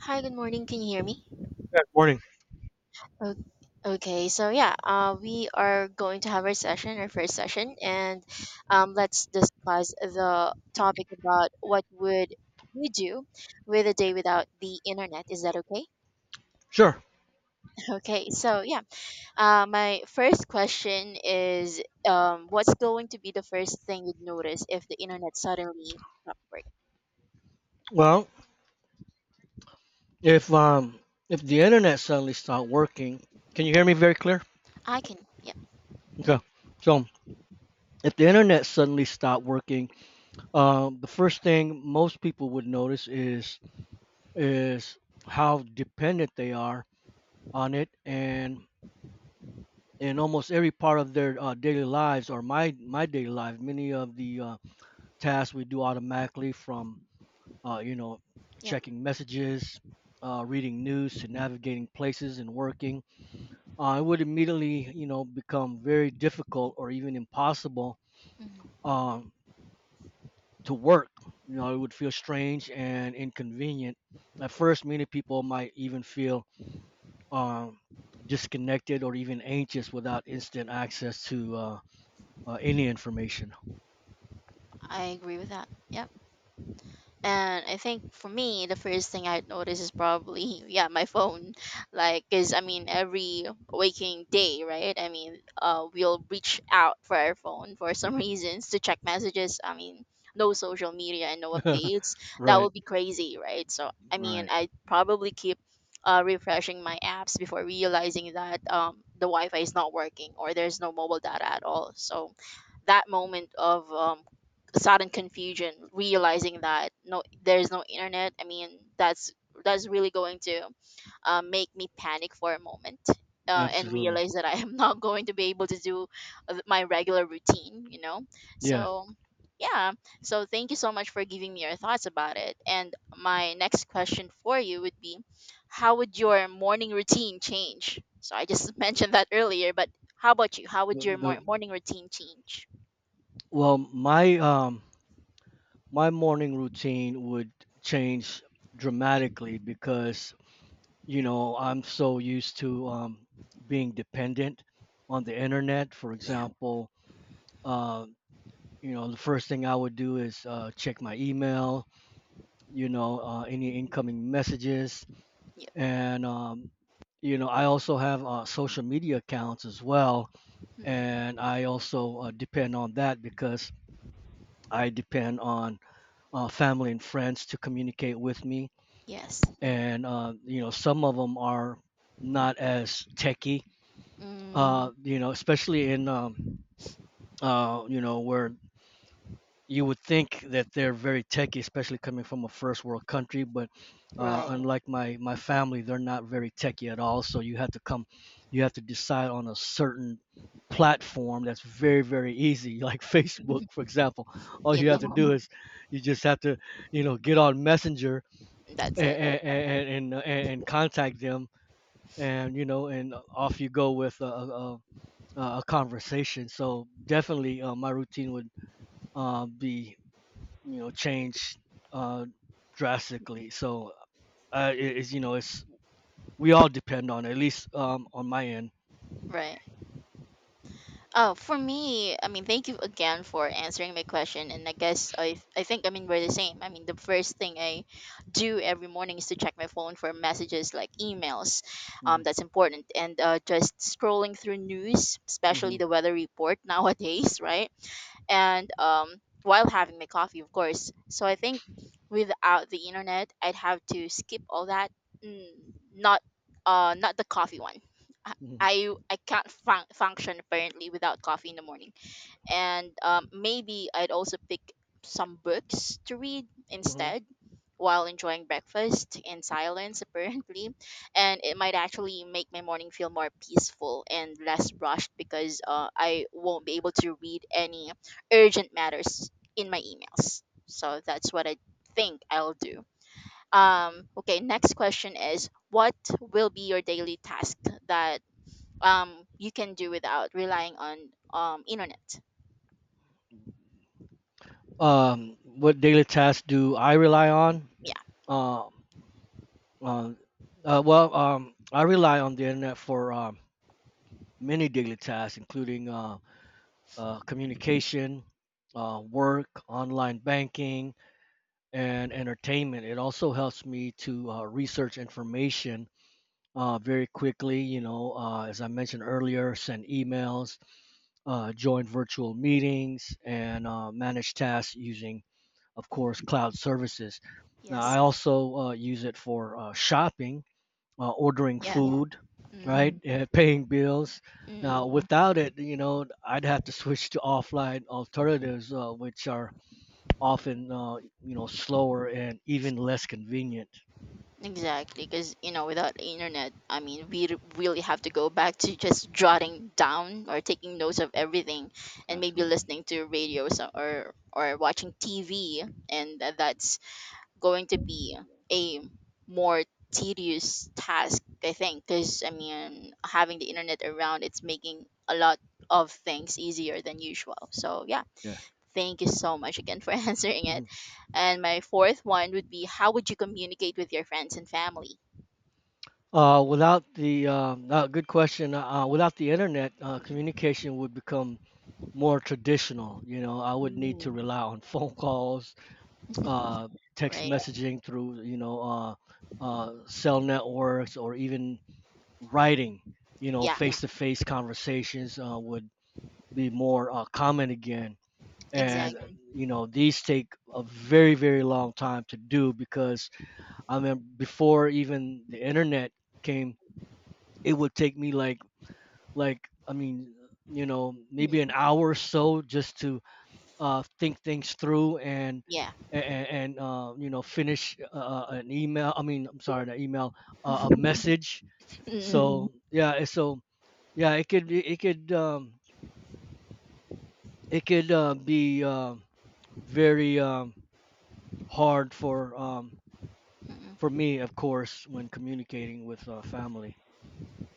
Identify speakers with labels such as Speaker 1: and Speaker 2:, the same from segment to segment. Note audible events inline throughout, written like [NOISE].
Speaker 1: Hi, good morning. Can you hear me?
Speaker 2: Good morning.
Speaker 1: O- Okay, so yeah, we are going to have our session, our first session, and let's discuss the topic about what would you do with a day without the internet. Is that okay?
Speaker 2: Sure.
Speaker 1: [LAUGHS] Okay, so yeah, my first question is, what's going to be the first thing you'd notice if the internet suddenly stopped working?
Speaker 2: Well, if um if the internet suddenly stopped working, can you hear me very clear?
Speaker 1: I can, yep,
Speaker 2: Okay. So um, if the internet suddenly stopped working, the first thing most people would notice is is how dependent they are on it, and in almost every part of their daily lives or my daily life, many of the tasks we do automatically, from uh, you know
Speaker 1: yep.
Speaker 2: checking messages, reading news, to navigating places and working, it would immediately, you know, become very difficult or even impossible,
Speaker 1: Mhm.
Speaker 2: um, to work. You know, it would feel strange and inconvenient. At first, many people might even feel um, disconnected or even anxious without instant access to any information.
Speaker 1: I agree with that. Yep. And I think for me, the first thing I'd notice is probably, [LAUGHS] yeah, my phone. [LAUGHS] Like, because I mean, every waking day, right? I mean, we'll reach out for our phone for some [LAUGHS] reasons to check messages. I mean, no social media and no updates.
Speaker 2: [LAUGHS]
Speaker 1: That
Speaker 2: right,
Speaker 1: would be crazy, right? So, I mean,
Speaker 2: right,
Speaker 1: I probably keep refreshing my apps before realizing that the Wi Fi is not working or there's no mobile data at all. So, that moment of sudden confusion realizing that no there's no internet, I mean, that's really going to make me panic for a moment and
Speaker 2: absolutely,
Speaker 1: realize that I am [LAUGHS] not going to be able to do my regular routine.
Speaker 2: yeah.
Speaker 1: So yeah, so thank you so much for giving me your thoughts about it. And my next question for you would be, how would your morning routine change? So I just [LAUGHS] mentioned that earlier, but how about you, how would
Speaker 2: Well,
Speaker 1: your
Speaker 2: The,
Speaker 1: morning routine change?
Speaker 2: well, my My morning routine would change dramatically because you know I'm so used to
Speaker 1: Mm,
Speaker 2: being dependent on the internet, for
Speaker 1: yeah.
Speaker 2: example. uh, you know, the first thing I would do is check my email, you know, any
Speaker 1: Mhm.
Speaker 2: incoming messages. And You know, I also have social media accounts as well,
Speaker 1: Mm,
Speaker 2: and I also depend on that, because I depend on family and friends to communicate with me.
Speaker 1: yes.
Speaker 2: And You know, some of them are not as techy.
Speaker 1: Mm,
Speaker 2: You know, especially in, you know, where you would think that they're very techy, especially coming from a first world country. But
Speaker 1: right.
Speaker 2: unlike my family, they're not very techy at all. So you have to decide on a certain platform that's very, very easy, like [LAUGHS] facebook,
Speaker 1: [LAUGHS]
Speaker 2: for example. All
Speaker 1: You
Speaker 2: you have to
Speaker 1: know,
Speaker 2: do is, you just have to, you know, get on Messenger and
Speaker 1: that's it. Right.
Speaker 2: contact them, and you know, and off you go with a conversation. So definitely, my routine would be, you know, changed uh, drastically. So it's you know, it's, we all depend on it, at least on my end.
Speaker 1: Right. Oh, for me, I mean, thank you again for answering my question. And I guess I think, I mean, we're the same. I mean, the first thing I do every morning is to check my phone for messages like emails.
Speaker 2: hmm
Speaker 1: That's important. And just scrolling through news, especially
Speaker 2: hmm
Speaker 1: the weather report nowadays, [LAUGHS] right? And while having my coffee, of course. So I think without the internet, I'd have to skip all that. Mm, not not the coffee one. I
Speaker 2: hmm
Speaker 1: I can't function apparently without coffee in the morning. And maybe I'd also pick some books to read
Speaker 2: hmm
Speaker 1: instead while enjoying breakfast in silence [LAUGHS] apparently. And it might actually make my morning feel more peaceful and less rushed because I won't be able to read any urgent matters in my emails. So that's what I think I'll do. Um, okay, next question is, what will be your daily task that you can do without relying on internet?
Speaker 2: What daily tasks do I rely on?
Speaker 1: Yeah.
Speaker 2: Um, uh, I rely on the internet for many daily tasks, including communication, work, online banking, and entertainment. It also helps me to research information very quickly. You know, as I mentioned earlier, send emails, join virtual meetings, and manage tasks using, of course, cloud services. Now, I
Speaker 1: Yes.
Speaker 2: also use it for shopping, ordering
Speaker 1: Yeah.
Speaker 2: food,
Speaker 1: Mm,
Speaker 2: right, mhm, and paying bills.
Speaker 1: mm,
Speaker 2: Now, mhm, without it, you know, I'd have to switch to offline alternatives, which are often you know, slower and even less convenient.
Speaker 1: exactly. Because, you know, without the internet, I mean, we really have to go back to just jotting down or taking notes of everything, and maybe
Speaker 2: Absolutely.
Speaker 1: listening to radio, so, or watching TV. And that's going to be a more tedious task, I think. Because, I mean, having the internet around, it's making a lot of things easier than usual. So, yeah.
Speaker 2: Yeah.
Speaker 1: Thank you so much again for [LAUGHS] answering
Speaker 2: Mhm.
Speaker 1: it. And my fourth one would be, how would you communicate with your friends and family?
Speaker 2: Without the Good question. Without the internet,
Speaker 1: Mm.
Speaker 2: communication would become more traditional. You know, I would need to
Speaker 1: Mm.
Speaker 2: rely on [LAUGHS] phone calls, uh, text
Speaker 1: Right.
Speaker 2: messaging through, you know, cell networks, or even writing. You know,
Speaker 1: Yeah,
Speaker 2: face-to-face conversations would be more common again. And
Speaker 1: exactly.
Speaker 2: you know, these take a very, very long time to do, because I mean, before even the internet came, it would take me like, I mean, you know, maybe an
Speaker 1: Mm.
Speaker 2: hour or so just to think things through and
Speaker 1: Yeah.
Speaker 2: you know, finish an email I mean I'm sorry an email, a
Speaker 1: [LAUGHS]
Speaker 2: message. Hmm.
Speaker 1: Mm,
Speaker 2: So yeah, and so yeah, it could it could it could be very hard for for
Speaker 1: mm,
Speaker 2: me, of course, when communicating with family.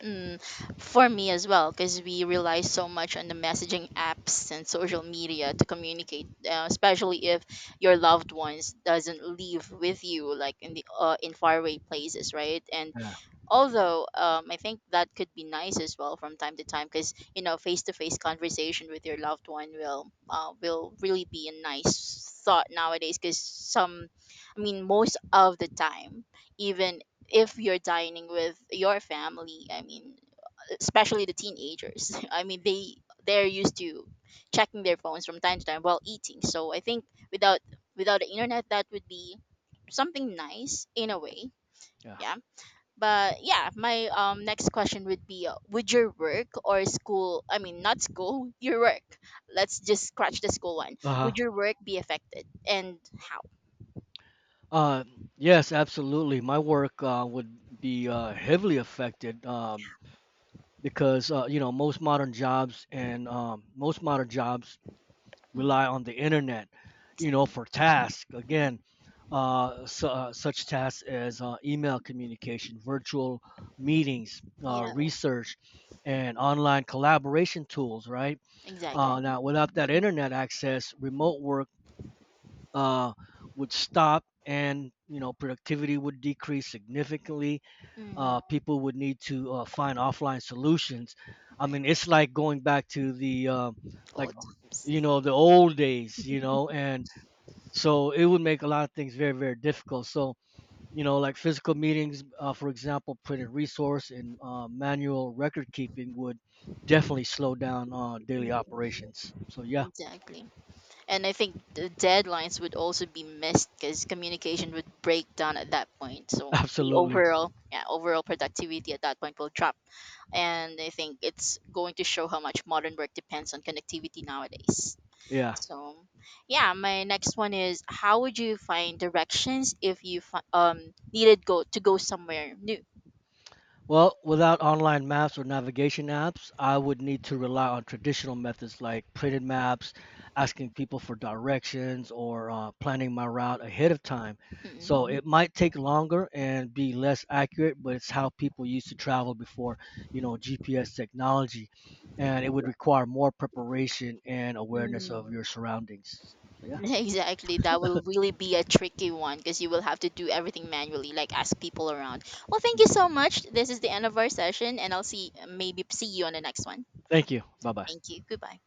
Speaker 1: mm. For me as well, because we rely so much on the messaging apps and social media to communicate, especially if your loved ones doesn't live with you, like in the in faraway places, right? And
Speaker 2: Yeah,
Speaker 1: although I think that could be nice as well from time to time, because you know, face-to-face conversation with your loved one will really be a nice thought nowadays. Because some, I mean, most of the time, even if you're dining with your family, I mean, especially the teenagers, [LAUGHS] I mean, they're used to checking their phones from time to time while eating. So I think without, without the internet, that would be something nice in a way.
Speaker 2: yeah.
Speaker 1: Yeah. But yeah, my um, next question would be, would your work or school, I mean not school, [LAUGHS] your work, let's just scratch the school one, would
Speaker 2: Uh-huh.
Speaker 1: your work be affected, and how?
Speaker 2: Uh, yes, absolutely. My work would be heavily affected, because you know, most modern jobs
Speaker 1: Mm,
Speaker 2: rely on the internet, you
Speaker 1: exactly.
Speaker 2: know, for tasks. Again, su such tasks as email communication, virtual meetings,
Speaker 1: Yeah,
Speaker 2: research, and online collaboration tools. Right.
Speaker 1: exactly.
Speaker 2: Now, without that internet access, remote work uh, would stop, and you know, productivity would decrease significantly.
Speaker 1: Hmm.
Speaker 2: People would need to find offline solutions. I mean,
Speaker 1: Right.
Speaker 2: it's like going back to the like
Speaker 1: All times.
Speaker 2: you know, the old days, you know, [LAUGHS] and so it would make a lot of things very, very difficult. So you know, like physical meetings, for example, printed resource and manual record keeping would definitely slow down daily
Speaker 1: Mhm.
Speaker 2: operations. So yeah.
Speaker 1: Exactly. And I think the deadlines would also be missed because communication would break down at that point. So the
Speaker 2: Absolutely.
Speaker 1: overall, yeah, overall productivity at that point will drop. And I think it's going to show how much modern work depends on connectivity nowadays.
Speaker 2: Yeah.
Speaker 1: So, yeah, my next one is, how would you find directions if you needed go somewhere new?
Speaker 2: Well, without online maps or navigation apps, I would need to rely on traditional methods like printed maps, asking people for directions, or planning my route ahead of time. So mhm, it might take longer and be less accurate, but it's how people used to travel before, you know, GPS technology. And it would, right, require more preparation and awareness of
Speaker 1: Mm-mm.
Speaker 2: your surroundings. So,
Speaker 1: [LAUGHS]
Speaker 2: yeah.
Speaker 1: Exactly. That will really be a tricky one because you will have to do everything manually, like ask people around. Well, thank
Speaker 2: Mm.
Speaker 1: you so much. This is the end of our session, and I'll see, maybe see you on the next one.
Speaker 2: Thank you. Bye bye.
Speaker 1: Thank you. Goodbye.